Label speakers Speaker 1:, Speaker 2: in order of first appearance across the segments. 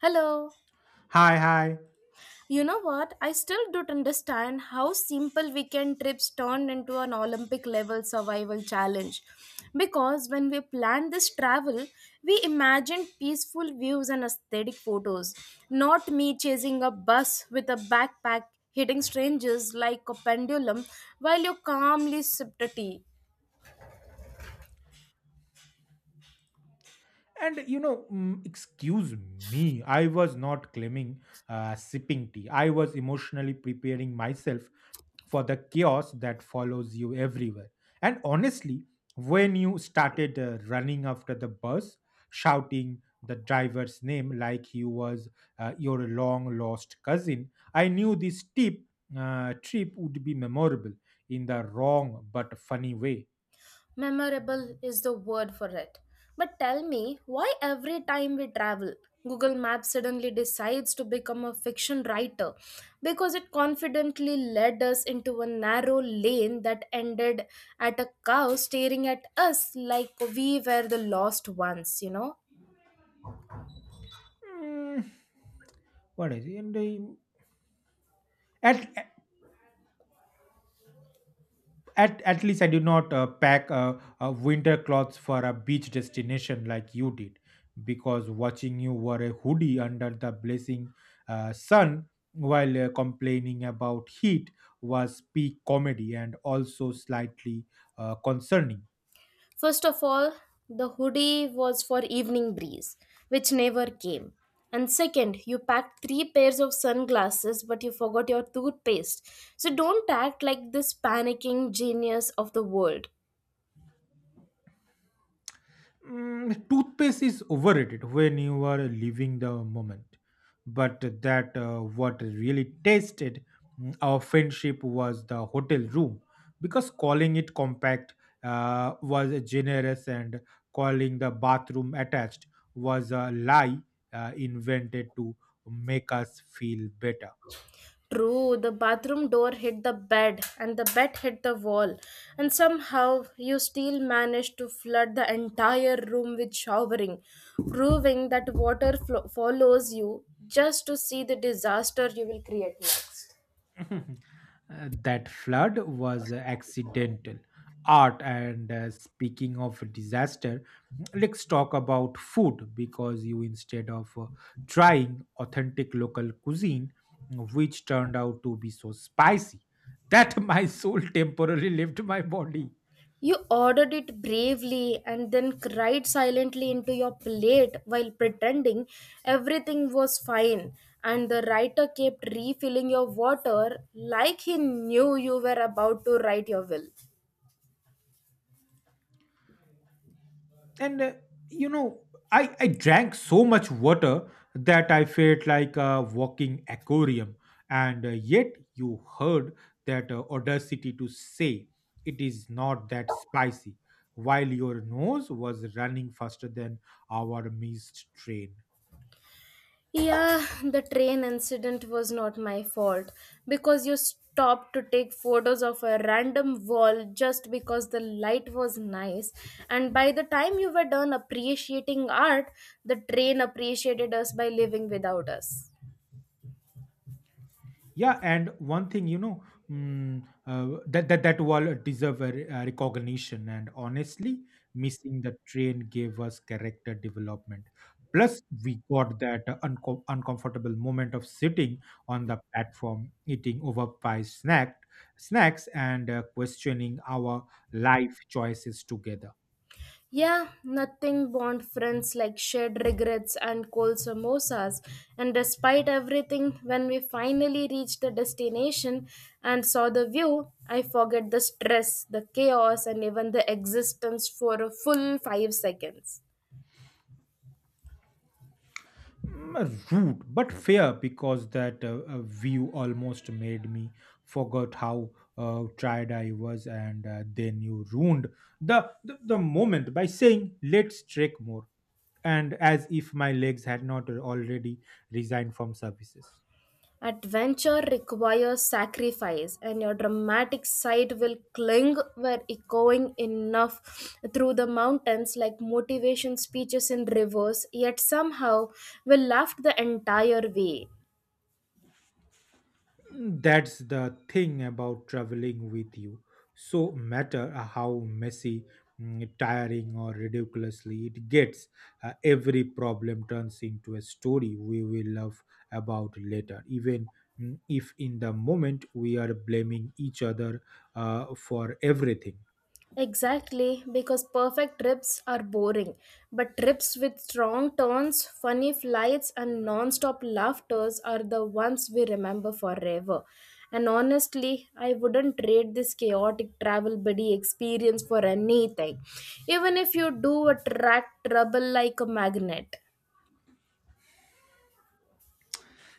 Speaker 1: Hello.
Speaker 2: Hi, hi.
Speaker 1: You know what? I still don't understand how simple weekend trips turned into an Olympic level survival challenge. Because when we planned this travel, we imagined peaceful views and aesthetic photos, not me chasing a bus with a backpack hitting strangers like a pendulum while you calmly sipped a tea.
Speaker 2: And you know, mm, Excuse me, I was not claiming sipping tea. I was emotionally preparing myself for the chaos that follows you everywhere. And honestly, when you started running after the bus, shouting the driver's name like he was your long lost cousin, I knew this trip would be memorable in the wrong but funny way.
Speaker 1: Memorable is the word for it. But tell me, why every time we travel, Google Maps suddenly decides to become a fiction writer because it confidently led us into a narrow lane that ended at a cow staring at us like we were the lost ones, you know?
Speaker 2: Mm, what is it? At at least I did not pack winter clothes for a beach destination like you did, because watching you wore a hoodie under the blazing sun while complaining about heat was peak comedy and also slightly concerning.
Speaker 1: First of all, the hoodie was for evening breeze, which never came. And second, you packed three pairs of sunglasses, but you forgot your toothpaste. So don't act like this panicking genius of the world.
Speaker 2: Mm, toothpaste is overrated when you are living the moment, but that what really tasted our friendship was the hotel room, because calling it compact was generous and calling the bathroom attached was a lie invented to make us feel better.
Speaker 1: True, the bathroom door hit the bed and the bed hit the wall, and somehow you still managed to flood the entire room with showering, proving that water follows you just to see the disaster you will create next.
Speaker 2: That flood was accidental art. And speaking of disaster, let's talk about food, because you, instead of trying authentic local cuisine which turned out to be so spicy that my soul temporarily left my body.
Speaker 1: You ordered it bravely and then cried silently into your plate while pretending everything was fine. And the writer kept refilling your water like he knew you were about to write your will.
Speaker 2: And uh, you know, I I drank so much water that I felt like a walking aquarium. And yet, you heard that audacity to say it is not that spicy, while your nose was running faster than our missed train.
Speaker 1: Yeah, the train incident was not my fault because you stopped to take photos of a random wall just because the light was nice. And by the time you were done appreciating art, the train appreciated us by living without us.
Speaker 2: Yeah, and one thing, you know, that wall deserve a recognition, and honestly, missing the train gave us character development. Plus, we got that uncomfortable moment of sitting on the platform, eating overpriced snacks, and questioning our life choices together.
Speaker 1: Yeah, nothing bond friends like shared regrets and cold samosas. And despite everything, when we finally reached the destination and saw the view, I forget the stress, the chaos, and even the existence for a full 5 seconds.
Speaker 2: Mm, rude but fair, because that view almost made me forget how tired I was. And then you ruined the moment by saying let's trek more, and as if my legs had not already resigned from services.
Speaker 1: Adventure requires sacrifice, and your dramatic side will cling where echoing enough through the mountains like motivation speeches in reverse, yet somehow will laugh the entire way.
Speaker 2: That's the thing about traveling with you. So, matter how messy, tiring, or ridiculously it gets, every problem turns into a story we will love about later, even if in the moment we are blaming each other for everything.
Speaker 1: Exactly, because perfect trips are boring, but trips with strong turns, funny flights, and non stop laughters are the ones we remember forever. And honestly, I wouldn't trade this chaotic travel buddy experience for anything, even if you do attract trouble like a magnet.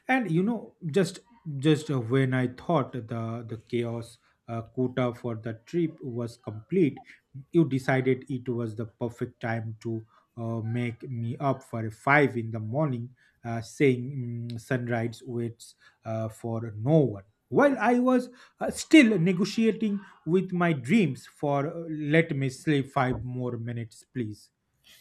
Speaker 2: And you know just When I thought the chaos quota for the trip was complete, you decided it was the perfect time to make me up for five in the morning, saying sunrise waits for no one, while I was still negotiating with my dreams for let me sleep five more minutes please.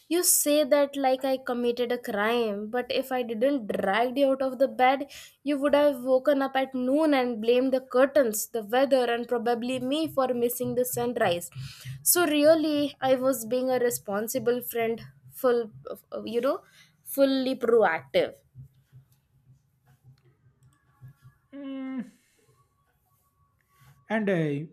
Speaker 1: You say that like I committed a crime, but if I didn't drag you out of the bed, you would have woken up at noon and blamed the curtains, the weather, and probably me for missing the sunrise. So, really, I was being a responsible friend, full, you know, fully proactive.
Speaker 2: Mm, and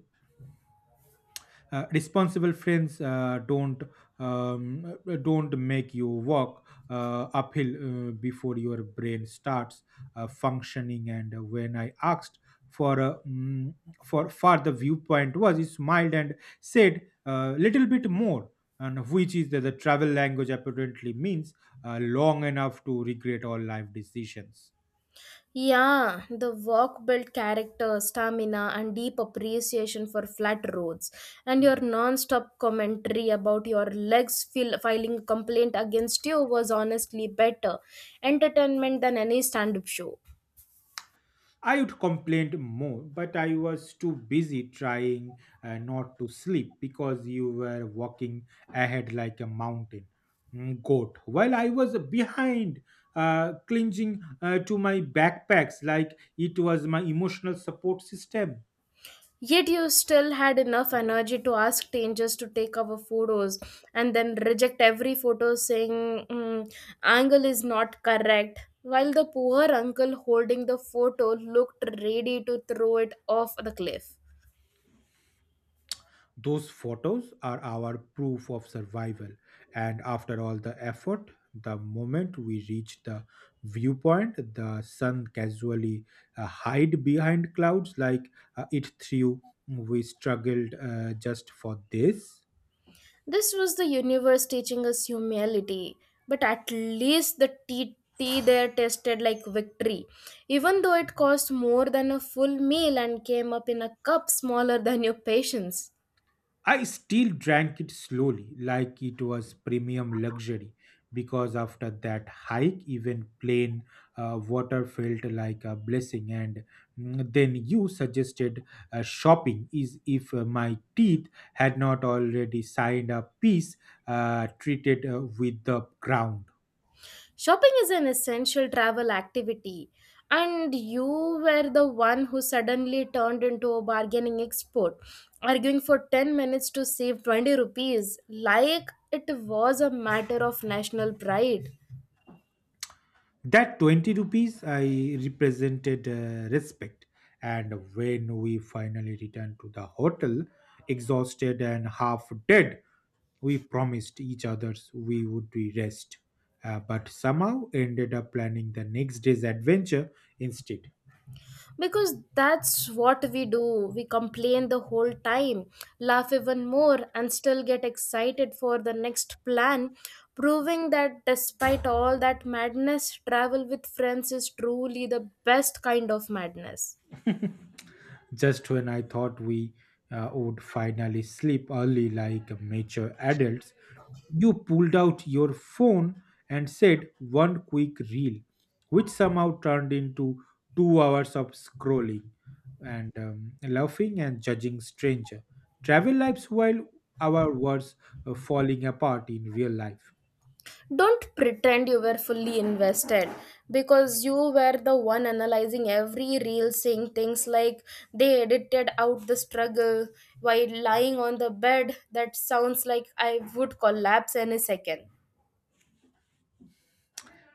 Speaker 2: Responsible friends don't make you walk uphill before your brain starts functioning. And when I asked for a mm, for far the viewpoint was, he smiled and said a little bit more, and which is that the travel language apparently means long enough to regret all life decisions.
Speaker 1: Yeah, the walk built character, stamina, and deep appreciation for flat roads. And your non stop commentary about your legs filing complaint against you was honestly better entertainment than any stand up show.
Speaker 2: I would complain more, but I was too busy trying not to sleep because you were walking ahead like a mountain goat, while I was behind, clinging to my backpacks like it was my emotional support system.
Speaker 1: Yet you still had enough energy to ask strangers to take our photos and then reject every photo saying, "Mm, angle is not correct." While the poor uncle holding the photo looked ready to throw it off the cliff.
Speaker 2: Those photos are our proof of survival. And after all the effort, the moment we reach the viewpoint, the sun casually hide behind clouds like it threw. We struggled just for this.
Speaker 1: This was the universe teaching us humility, but at least the tea there tasted like victory, even though it cost more than a full meal and came up in a cup smaller than your patience.
Speaker 2: I still drank it slowly, like it was premium luxury, because after that hike, even plain water felt like a blessing. And then you suggested shopping is if my teeth had not already signed a peace treated with the ground.
Speaker 1: Shopping is an essential travel activity, and you were the one who suddenly turned into a bargaining expert, arguing for 10 minutes to save 20 rupees, like it was a matter of national pride.
Speaker 2: That 20 rupees I represented respect. And when we finally returned to the hotel, exhausted and half dead, we promised each others we would be rest. But somehow ended up planning the next day's adventure instead.
Speaker 1: Because that's what we do. We complain the whole time, laugh even more, and still get excited for the next plan, proving that despite all that madness, travel with friends is truly the best kind of madness.
Speaker 2: Just when I thought we would finally sleep early like mature adults, you pulled out your phone and said one quick reel, which somehow turned into 2 hours of scrolling and laughing and judging stranger. Travel lives while our words are falling apart in real life.
Speaker 1: Don't pretend you were fully invested because you were the one analyzing every reel saying things like they edited out the struggle while lying on the bed that sounds like I would collapse any second.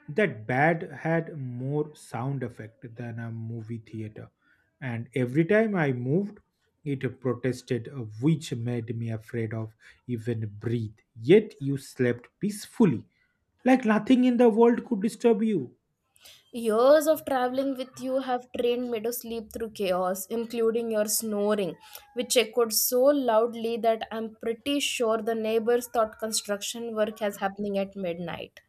Speaker 2: That bad had more sound effect than a movie theater, and every time I moved it protested, which made me afraid of even breathe, yet you slept peacefully like nothing in the world could disturb you.
Speaker 1: Years of traveling with you have trained me to sleep through chaos, including your snoring, which echoed so loudly that I'm pretty sure the neighbors thought construction work was happening at midnight.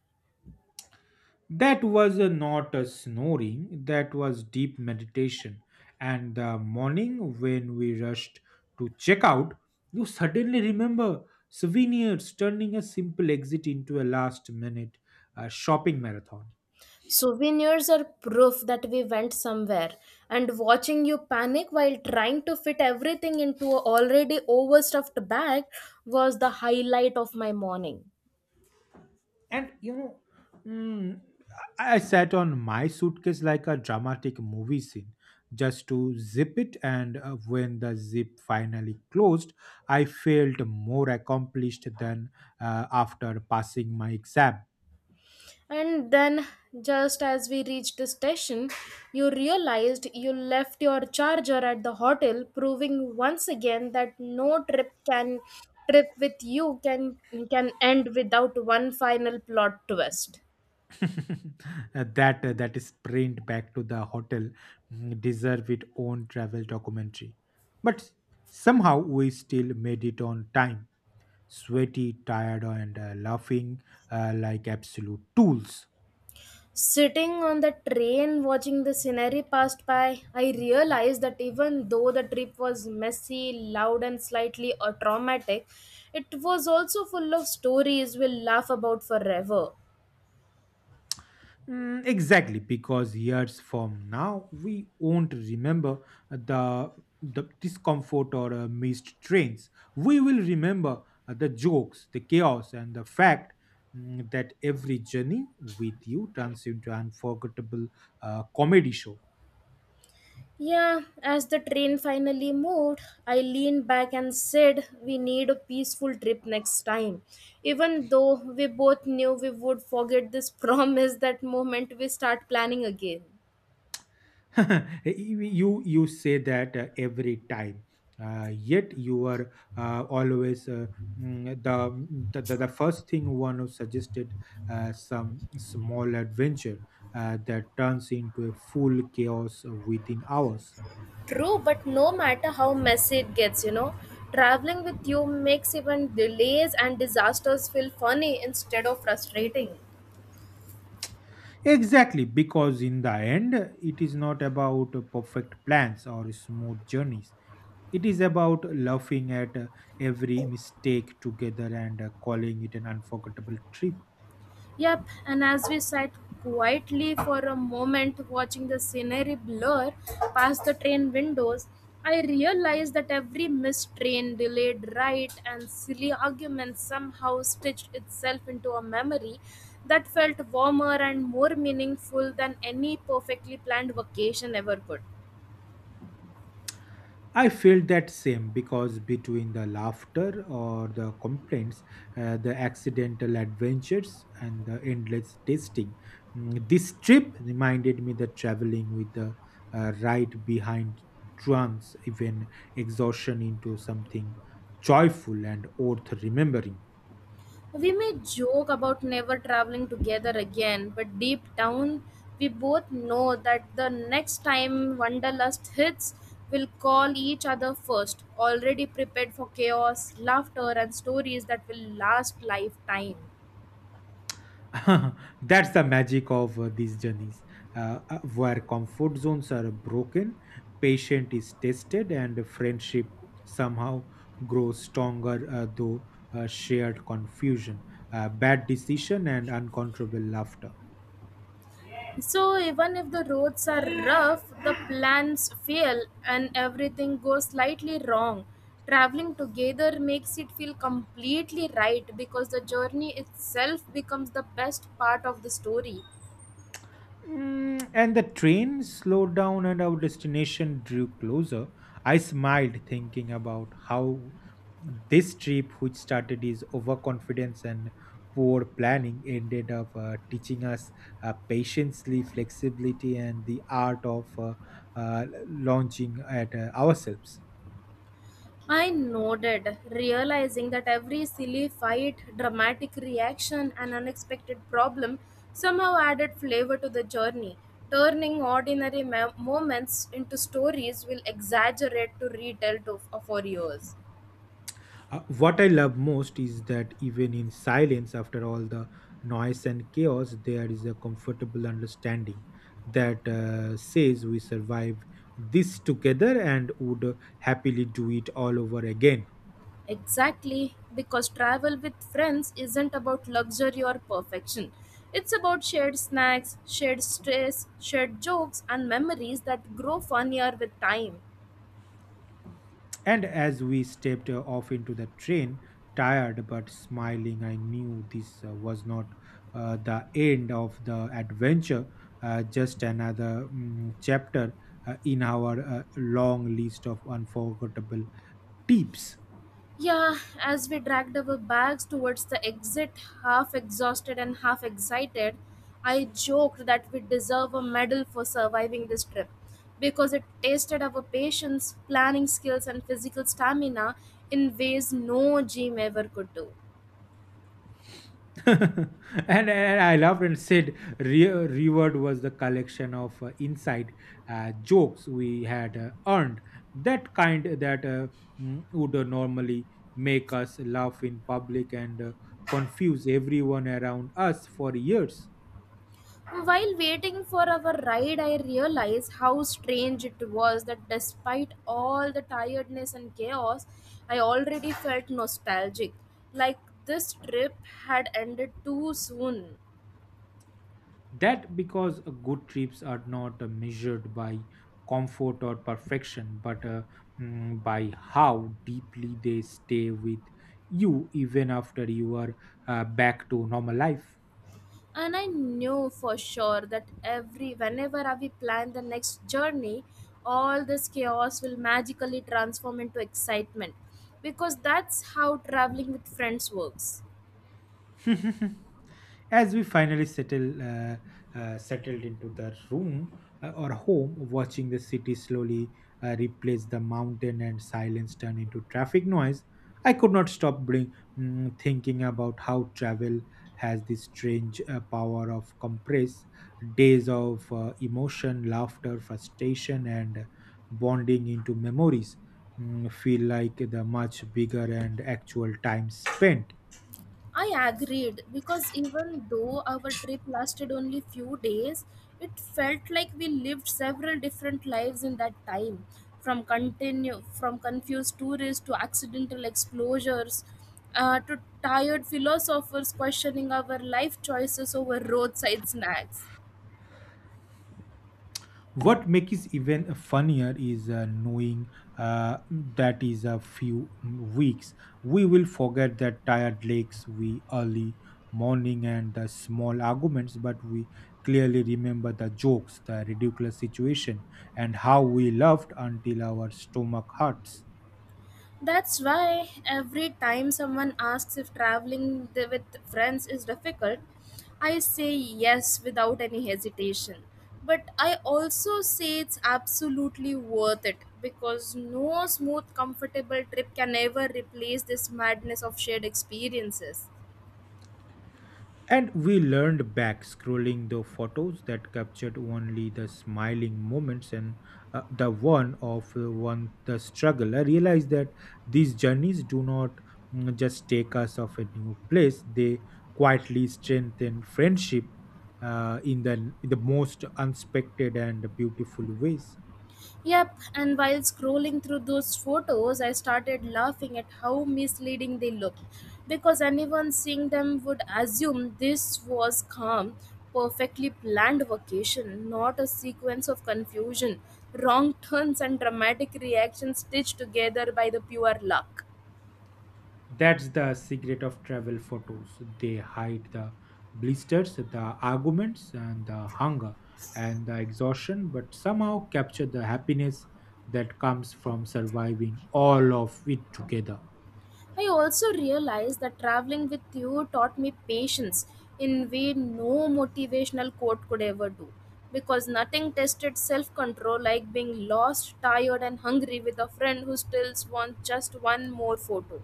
Speaker 2: That was not a snoring, that was deep meditation. And the morning when we rushed to check out, you suddenly remember souvenirs, turning a simple exit into a last minute shopping marathon.
Speaker 1: Souvenirs are proof that we went somewhere, and watching you panic while trying to fit everything into an already overstuffed bag was the highlight of my morning.
Speaker 2: And you know, mm, I I sat on my suitcase like a dramatic movie scene just to zip it. And when the zip finally closed, I felt more accomplished than after passing my exam.
Speaker 1: And then, just as we reached the station, you realized you left your charger at the hotel, proving once again that no trip with you can end without one final plot twist.
Speaker 2: That sprint back to the hotel deserve its own travel documentary. But somehow we still made it on time, sweaty, tired, and laughing like absolute tools.
Speaker 1: Sitting on the train watching the scenery passed by, I realized that even though the trip was messy, loud, and slightly traumatic, it was also full of stories we'll laugh about forever.
Speaker 2: Mm, exactly, because years from now, we won't remember the, the discomfort or missed trains. We will remember the jokes, the chaos, and the fact, that every journey with you turns into an unforgettable comedy show.
Speaker 1: Yeah, as the train finally moved, I leaned back and said, "We need a peaceful trip next time." Even though we both knew we would forget this promise that moment we start planning again.
Speaker 2: You say that every time, yet you are always the first thing one who suggested some small adventure that turns into a full chaos within hours.
Speaker 1: True, but no matter how messy it gets, you know, traveling with you makes even delays and disasters feel funny instead of frustrating.
Speaker 2: Exactly, because in the end it is not about perfect plans or smooth journeys, it is about laughing at every mistake together and calling it an unforgettable trip.
Speaker 1: Yep, and as we sat quietly for a moment watching the scenery blur past the train windows, I realized that every missed train, delayed ride, and silly argument somehow stitched itself into a memory that felt warmer and more meaningful than any perfectly planned vacation ever could.
Speaker 2: I felt that same, because between the laughter or the complaints, the accidental adventures, and the endless testing, this trip reminded me that traveling with the right behind trance, even exhaustion into something joyful and worth remembering.
Speaker 1: We may joke about never traveling together again, but deep down, we both know that the next time Wanderlust hits, we'll call each other first, already prepared for chaos, laughter, and stories that will last lifetime.
Speaker 2: That's the magic of these journeys, where comfort zones are broken, patient is tested, and friendship somehow grows stronger through shared confusion, bad decision, and uncontrollable laughter.
Speaker 1: So, even if the roads are rough, the plans fail, and everything goes slightly wrong, traveling together makes it feel completely right because the journey itself becomes the best part of the story.
Speaker 2: Mm, and the train slowed down and our destination drew closer. I smiled thinking about how this trip, which started as overconfidence and poor planning, ended up teaching us patience, flexibility, and the art of launching at ourselves.
Speaker 1: I nodded, realizing that every silly fight, dramatic reaction, and unexpected problem somehow added flavor to the journey, turning ordinary moments into stories will exaggerate to retell to, for years.
Speaker 2: What I love most is that even in silence, after all the noise and chaos, there is a comfortable understanding that says we survived this together and would happily do it all over again.
Speaker 1: Exactly, because travel with friends isn't about luxury or perfection. It's about shared snacks, shared stress, shared jokes, and memories that grow funnier with time.
Speaker 2: And as we stepped off into the train, tired but smiling, I knew this was not the end of the adventure, just another chapter in our long list of unforgettable tips.
Speaker 1: Yeah, as we dragged our bags towards the exit, half exhausted and half excited, I joked that we deserve a medal for surviving this trip because it tested our patience, planning skills, and physical stamina in ways no gym ever could do.
Speaker 2: And I loved and said reward was the collection of inside jokes we had earned. That kind that would normally make us laugh in public and confuse everyone around us for years.
Speaker 1: While waiting for our ride, I realized how strange it was that despite all the tiredness and chaos, I already felt nostalgic. Like this trip had ended too soon.
Speaker 2: That because good trips are not measured by comfort or perfection, but by how deeply they stay with you even after you are back to normal life.
Speaker 1: And I knew for sure that every whenever we plan the next journey, all this chaos will magically transform into excitement. Because that's how traveling with friends works.
Speaker 2: As we finally settled into the room or home, watching the city slowly replace the mountain and silence turn into traffic noise, I could not stop thinking about how travel has this strange power of compress days of emotion, laughter, frustration, and bonding into memories. Mm, feel like the much bigger and actual time spent.
Speaker 1: I agreed because even though our trip lasted only few days, it felt like we lived several different lives in that time, from continue from confused tourists to accidental explorers, to tired philosophers questioning our life choices over roadside snacks.
Speaker 2: What makes it even funnier is knowing that is a few weeks we will forget the tired legs, we early morning, and the small arguments, but we clearly remember the jokes, the ridiculous situation, and how we loved until our stomach hurts.
Speaker 1: That's why every time someone asks if traveling with friends is difficult, I say yes without any hesitation. But I also say it's absolutely worth it because no smooth, comfortable trip can ever replace this madness of shared experiences.
Speaker 2: And we learned back scrolling the photos that captured only the smiling moments and the one of one the struggle. I realized that these journeys do not just take us of a new place; they quietly strengthen friendship in the most unexpected and beautiful ways.
Speaker 1: Yep, and while scrolling through those photos, I started laughing at how misleading they looked because anyone seeing them would assume this was calm, perfectly planned vacation, not a sequence of confusion, wrong turns, and dramatic reactions stitched together by the pure luck.
Speaker 2: That's the secret of travel photos. They hide the blisters, the arguments, and the hunger and the exhaustion, but somehow capture the happiness that comes from surviving all of it together.
Speaker 1: I also realized that traveling with you taught me patience in way no motivational quote could ever do because nothing tested self-control like being lost, tired and hungry with a friend who still wants just one more photo.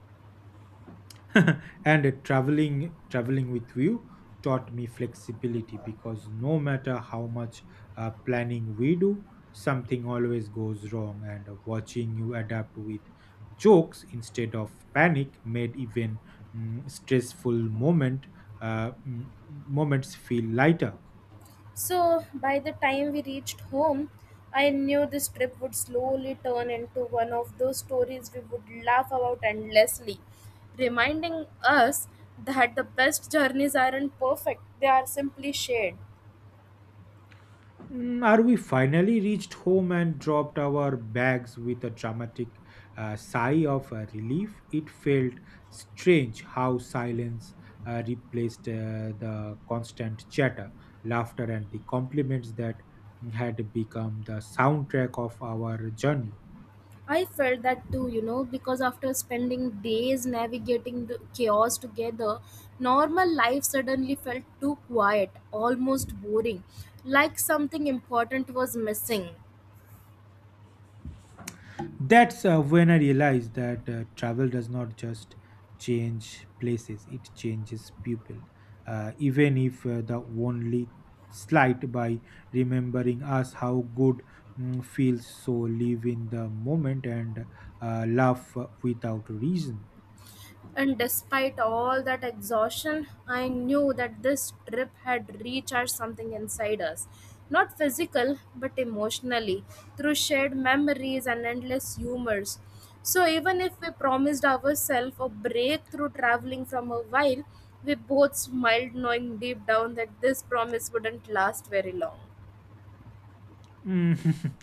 Speaker 2: And traveling with you taught me flexibility, because no matter how much planning we do, something always goes wrong, and watching you adapt with jokes instead of panic made even mm, stressful moment uh, mm, moments feel lighter.
Speaker 1: So by the time we reached home, I knew this trip would slowly turn into one of those stories we would laugh about endlessly, reminding us that the best journeys aren't perfect, they are simply shared.
Speaker 2: Mm, are we finally reached home and dropped our bags with a dramatic sigh of relief? It felt strange how silence replaced the constant chatter, laughter, and the compliments that had become the soundtrack of our journey.
Speaker 1: I felt that too, you know, because after spending days navigating the chaos together, normal life suddenly felt too quiet, almost boring, like something important was missing.
Speaker 2: That's when I realized that travel does not just change places, it changes people. Even if the only slight by remembering us how good feels, so live in the moment and laugh without reason.
Speaker 1: And despite all that exhaustion, I knew that this trip had recharged something inside us. Not physical, but emotionally, through shared memories and endless humors. So, even if we promised ourselves a break through traveling from a while, we both smiled, knowing deep down that this promise wouldn't last very long.
Speaker 2: Mm.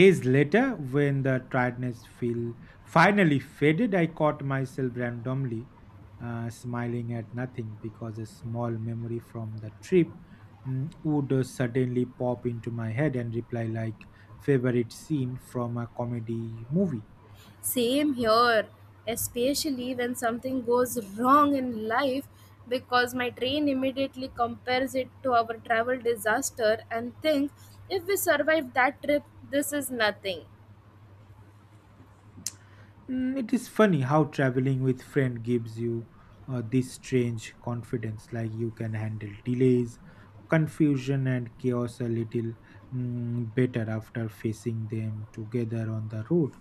Speaker 2: Days later, when the tiredness feel finally faded, I caught myself randomly smiling at nothing because a small memory from the trip would suddenly pop into my head and reply like favorite scene from a comedy movie.
Speaker 1: Same here, especially when something goes wrong in life because my train immediately compares it to our travel disaster and thinks if we survive that trip, this is nothing.
Speaker 2: It is funny how traveling with friend gives you this strange confidence, like you can handle delays, confusion, and chaos a little better after facing them together on the road.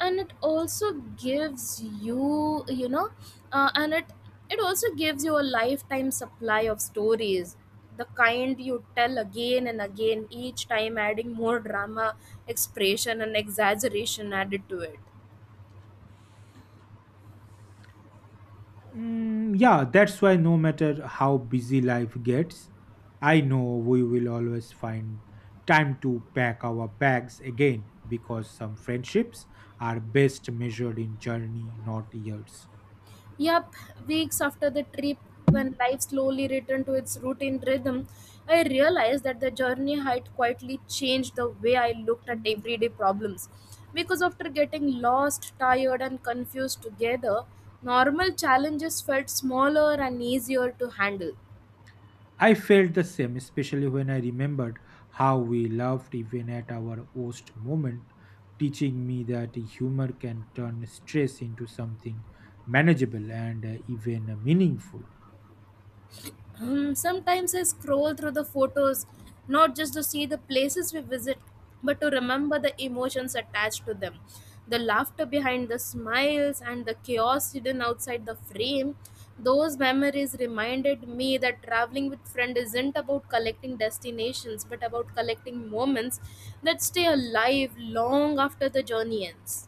Speaker 1: And it also gives you, you know, and it also gives you a lifetime supply of stories, the kind you tell again and again, each time adding more drama, expression, and exaggeration added to it.
Speaker 2: Mm, yeah, that's why no matter how busy life gets, I know we will always find time to pack our bags again because some friendships are best measured in journey, not years.
Speaker 1: Yup, weeks after the trip, when life slowly returned to its routine rhythm, I realized that the journey had quietly changed the way I looked at everyday problems. Because after getting lost, tired, and confused together, normal challenges felt smaller and easier to handle.
Speaker 2: I felt the same, especially when I remembered how we laughed even at our worst moment, teaching me that humor can turn stress into something manageable and even meaningful.
Speaker 1: Sometimes I scroll through the photos not just to see the places we visit, but to remember the emotions attached to them. The laughter behind the smiles and the chaos hidden outside the frame. Those memories reminded me that traveling with friends isn't about collecting destinations, but about collecting moments that stay alive long after the journey ends.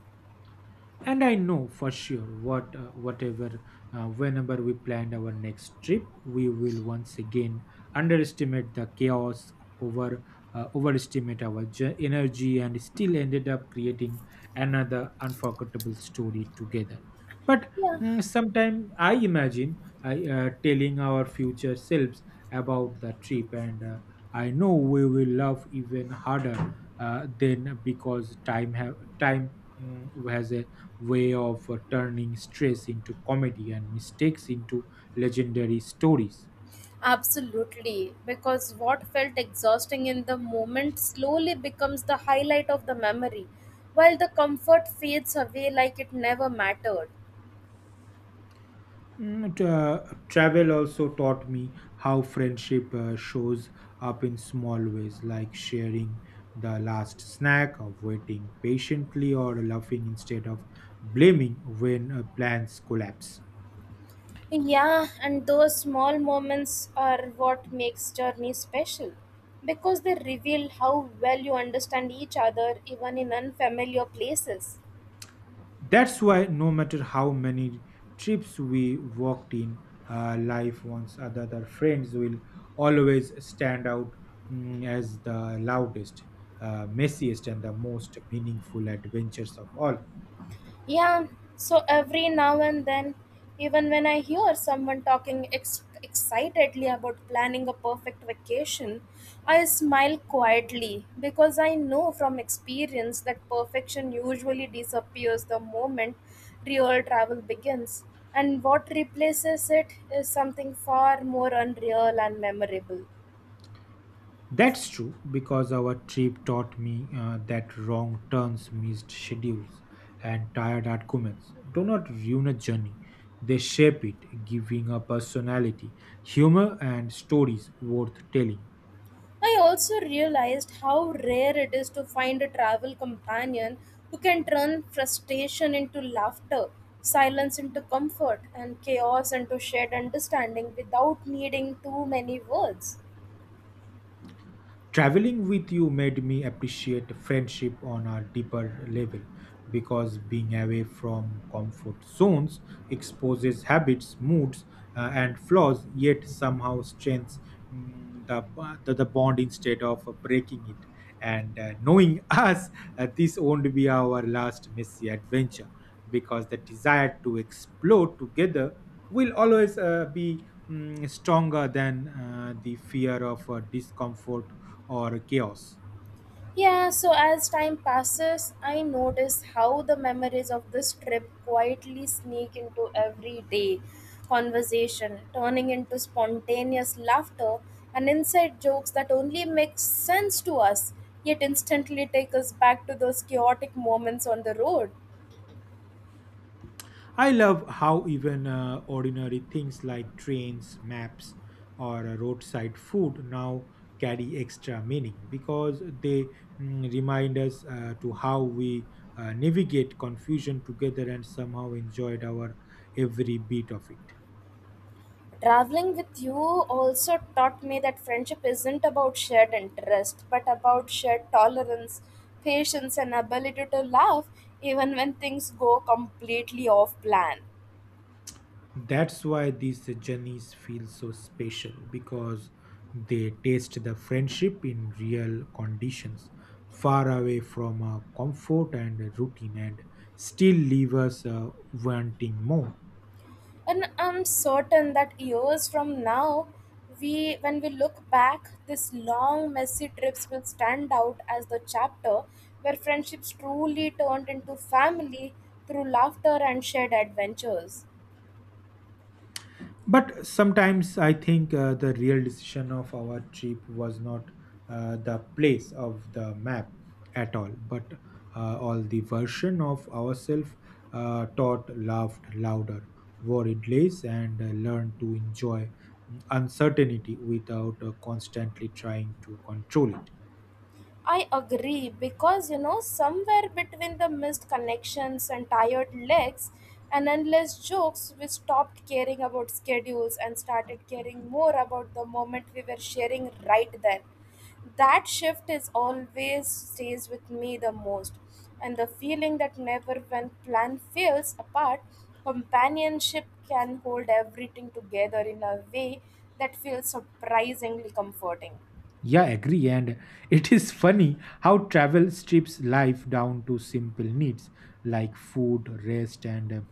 Speaker 2: And I know for sure what whatever whenever we planned our next trip we will once again underestimate the chaos over overestimate our energy and still ended up creating another unforgettable story together but
Speaker 1: Yeah,
Speaker 2: sometimes I imagine I telling our future selves about the trip and I know we will love even harder then because time has a way of turning stress into comedy and mistakes into legendary stories.
Speaker 1: absolutely, because what felt exhausting in the moment slowly becomes the highlight of the memory, while the comfort fades away like it never mattered.
Speaker 2: Mm, t- uh, Travel also taught me how friendship shows up in small ways, like sharing the last snack, of waiting patiently, or laughing instead of blaming when plans collapse.
Speaker 1: Yeah, and those small moments are what makes journey special because they reveal how well you understand each other even in unfamiliar places.
Speaker 2: That's why, no matter how many trips we walked in life once other friends will always stand out as the loudest, messiest, and the most meaningful adventures of all.
Speaker 1: Yeah, so every now and then, even when I hear someone talking excitedly about planning a perfect vacation, I smile quietly because I know from experience that perfection usually disappears the moment real travel begins, and what replaces it is something far more unreal and memorable.
Speaker 2: That's true because our trip taught me that wrong turns, missed schedules, and tired arguments do not ruin a journey. They shape it, giving a personality, humor, and stories worth telling.
Speaker 1: I also realized how rare it is to find a travel companion who can turn frustration into laughter, silence into comfort, and chaos into shared understanding without needing too many words.
Speaker 2: Traveling with you made me appreciate friendship on a deeper level because being away from comfort zones exposes habits, moods, and flaws, yet somehow strengthens the bond instead of breaking it. And knowing us, this won't be our last messy adventure because the desire to explore together will always be stronger than the fear of discomfort or chaos.
Speaker 1: Yeah, so as time passes, I notice how the memories of this trip quietly sneak into everyday conversation, turning into spontaneous laughter and inside jokes that only make sense to us, yet instantly take us back to those chaotic moments on the road.
Speaker 2: I love how even ordinary things like trains, maps, or roadside food now carry extra meaning because they remind us to how we navigate confusion together and somehow enjoyed our every bit of it.
Speaker 1: Traveling with you also taught me that friendship isn't about shared interest, but about shared tolerance, patience, and ability to laugh even when things go completely off plan.
Speaker 2: That's why these journeys feel so special because they taste the friendship in real conditions, far away from comfort and routine, and still leave us wanting more.
Speaker 1: And I'm certain that years from now, we when we look back, these long messy trips will stand out as the chapter where friendships truly turned into family through laughter and shared adventures.
Speaker 2: But sometimes I think the real decision of our trip was not the place of the map at all, but all the version of ourselves taught, laughed louder, worried less, and learned to enjoy uncertainty without constantly trying to control it.
Speaker 1: I agree because, you know, somewhere between the missed connections and tired legs and endless jokes, we stopped caring about schedules and started caring more about the moment we were sharing right then. That shift is always stays with me the most, and the feeling that never when plan fails apart, companionship can hold everything together in a way that feels surprisingly comforting.
Speaker 2: Yeah, agree. And it is funny how travel strips life down to simple needs like food, rest, and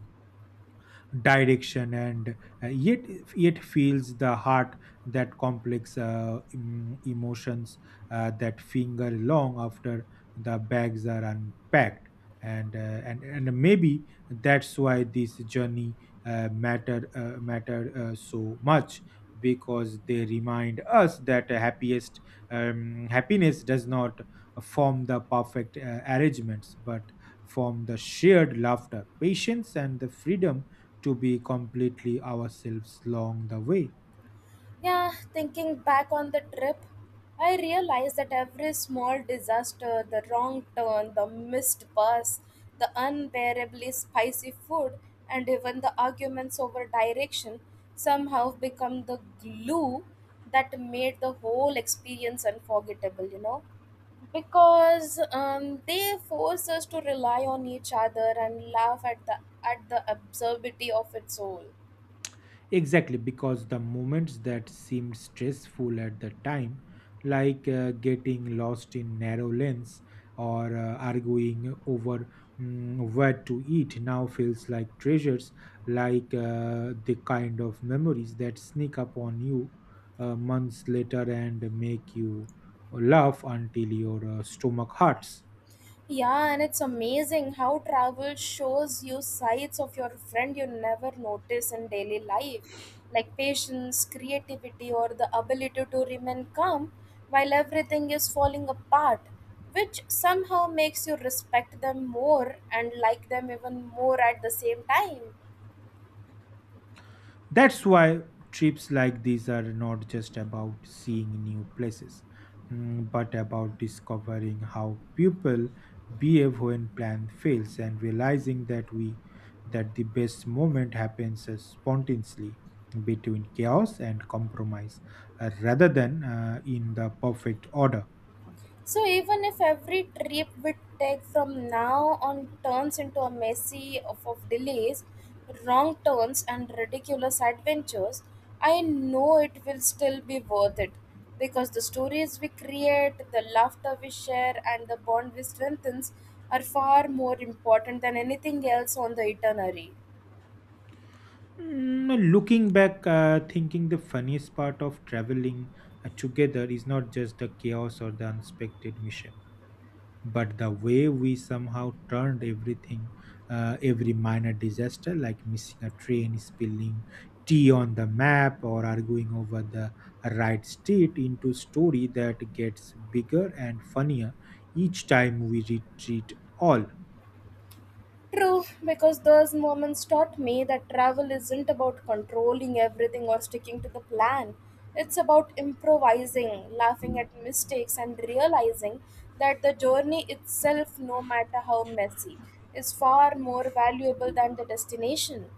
Speaker 2: direction and yet yet feels the heart that complex emotions that finger long after the bags are unpacked and and maybe that's why this journey matter so much because they remind us that happiest happiness does not form the perfect arrangements but form the shared laughter patience and the freedom to be completely ourselves along the way.
Speaker 1: Yeah, thinking back on the trip, I realized that every small disaster, the wrong turn, the missed bus, the unbearably spicy food, and even the arguments over direction somehow become the glue that made the whole experience unforgettable, you know? Because they force us to rely on each other and laugh at the absurdity of its all.
Speaker 2: Exactly, because the moments that seemed stressful at the time, like getting lost in narrow lanes or arguing over where to eat, now feels like treasures, like the kind of memories that sneak up on you months later and make you laugh until your stomach hurts.
Speaker 1: Yeah, and it's amazing how travel shows you sides of your friend you never notice in daily life, like patience, creativity, or the ability to remain calm while everything is falling apart, which somehow makes you respect them more and like them even more at the same time.
Speaker 2: That's why trips like these are not just about seeing new places, but about discovering how people behave when plan fails and realizing that the best moment happens spontaneously between chaos and compromise rather than in the perfect order.
Speaker 1: So even if every trip we take from now on turns into a messy of delays, wrong turns and ridiculous adventures, I know it will still be worth it because the stories we create, the laughter we share and the bond we strengthen, are far more important than anything else on the itinerary.
Speaker 2: Looking back, thinking the funniest part of traveling together is not just the chaos or the unexpected mission but the way we somehow turned everything every minor disaster like missing a train spilling tea on the map or arguing over the right street into story that gets bigger and funnier each time we retreat all.
Speaker 1: True, because those moments taught me that travel isn't about controlling everything or sticking to the plan. It's about improvising, laughing at mistakes, and realizing that the journey itself, no matter how messy, is far more valuable than the destination.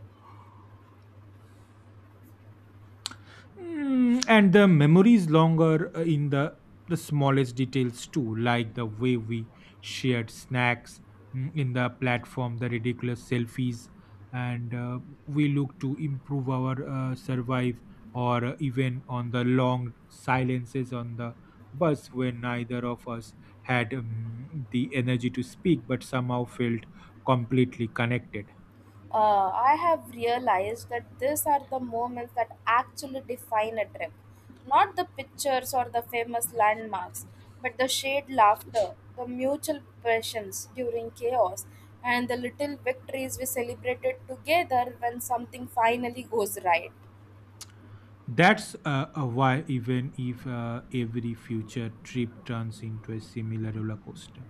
Speaker 2: And the memory is longer in the smallest details too, like the way we shared snacks in the platform, the ridiculous selfies, and we look to improve our survive, or even on the long silences on the bus when neither of us had the energy to speak, but somehow felt completely connected.
Speaker 1: I have realized that these are the moments that actually define a trip. Not the pictures or the famous landmarks, but the shared laughter, the mutual passions during chaos, and the little victories we celebrated together when something finally goes right.
Speaker 2: That's why, even if every future trip turns into a similar roller coaster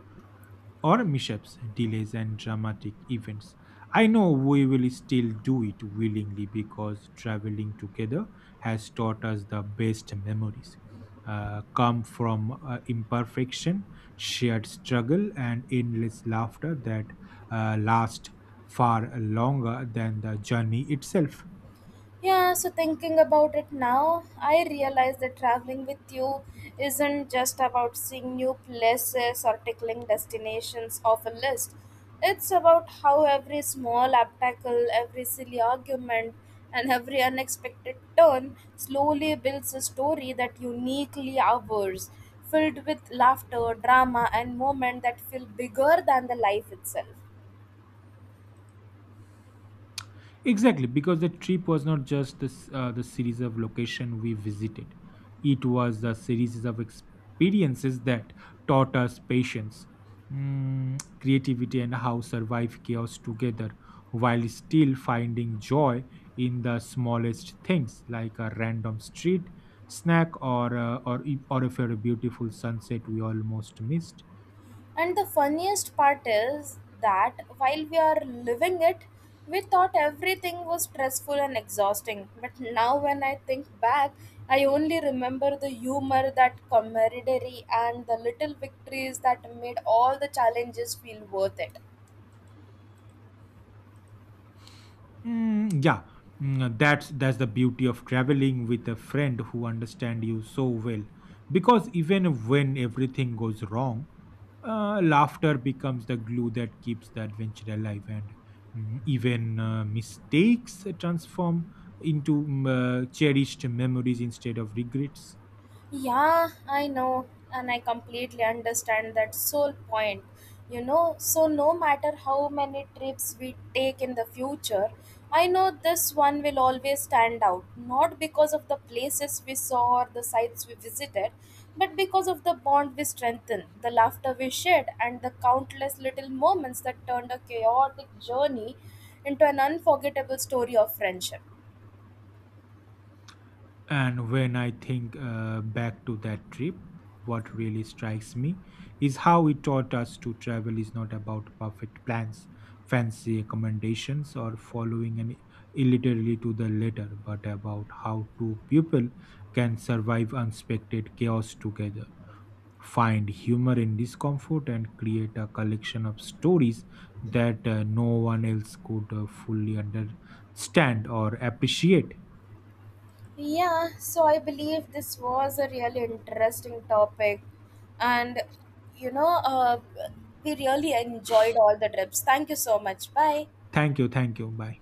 Speaker 2: or mishaps, delays, and dramatic events, I know we will still do it willingly because traveling together has taught us the best memories. Come from imperfection, shared struggle, and endless laughter that last far longer than the journey itself.
Speaker 1: Yeah, so thinking about it now, I realize that traveling with you isn't just about seeing new places or tickling destinations off a list. It's about how every small obstacle, every silly argument, and every unexpected turn slowly builds a story that uniquely ours, filled with laughter, drama, and moments that feel bigger than the life itself.
Speaker 2: Exactly, because the trip was not just this, the series of location we visited. It was the series of experiences that taught us patience, creativity, and how survive chaos together while still finding joy in the smallest things like a random street snack or if a beautiful sunset we almost missed.
Speaker 1: And the funniest part is that while we are living it, we thought everything was stressful and exhausting. But now, when I think back, I only remember the humor, that camaraderie, and the little victories that made all the challenges feel worth it.
Speaker 2: Mm, yeah, that's the beauty of traveling with a friend who understand you so well. Because even when everything goes wrong, laughter becomes the glue that keeps the adventure alive, and even mistakes transform into cherished memories instead of regrets.
Speaker 1: Yeah, I know, and I completely understand that sole point. You know, so no matter how many trips we take in the future, I know this one will always stand out, not because of the places we saw or the sites we visited, but because of the bond we strengthened, the laughter we shared, and the countless little moments that turned a chaotic journey into an unforgettable story of friendship.
Speaker 2: And when I think back to that trip, what really strikes me is how it taught us to travel is not about perfect plans, fancy accommodations, or following an illiterally to the letter, but about how two people can survive unexpected chaos together, find humor in discomfort, and create a collection of stories that no one else could fully understand or appreciate.
Speaker 1: Yeah, so I believe this was a really interesting topic, and, you know, we really enjoyed all the trips. Thank you so much. Bye.
Speaker 2: Thank you, bye.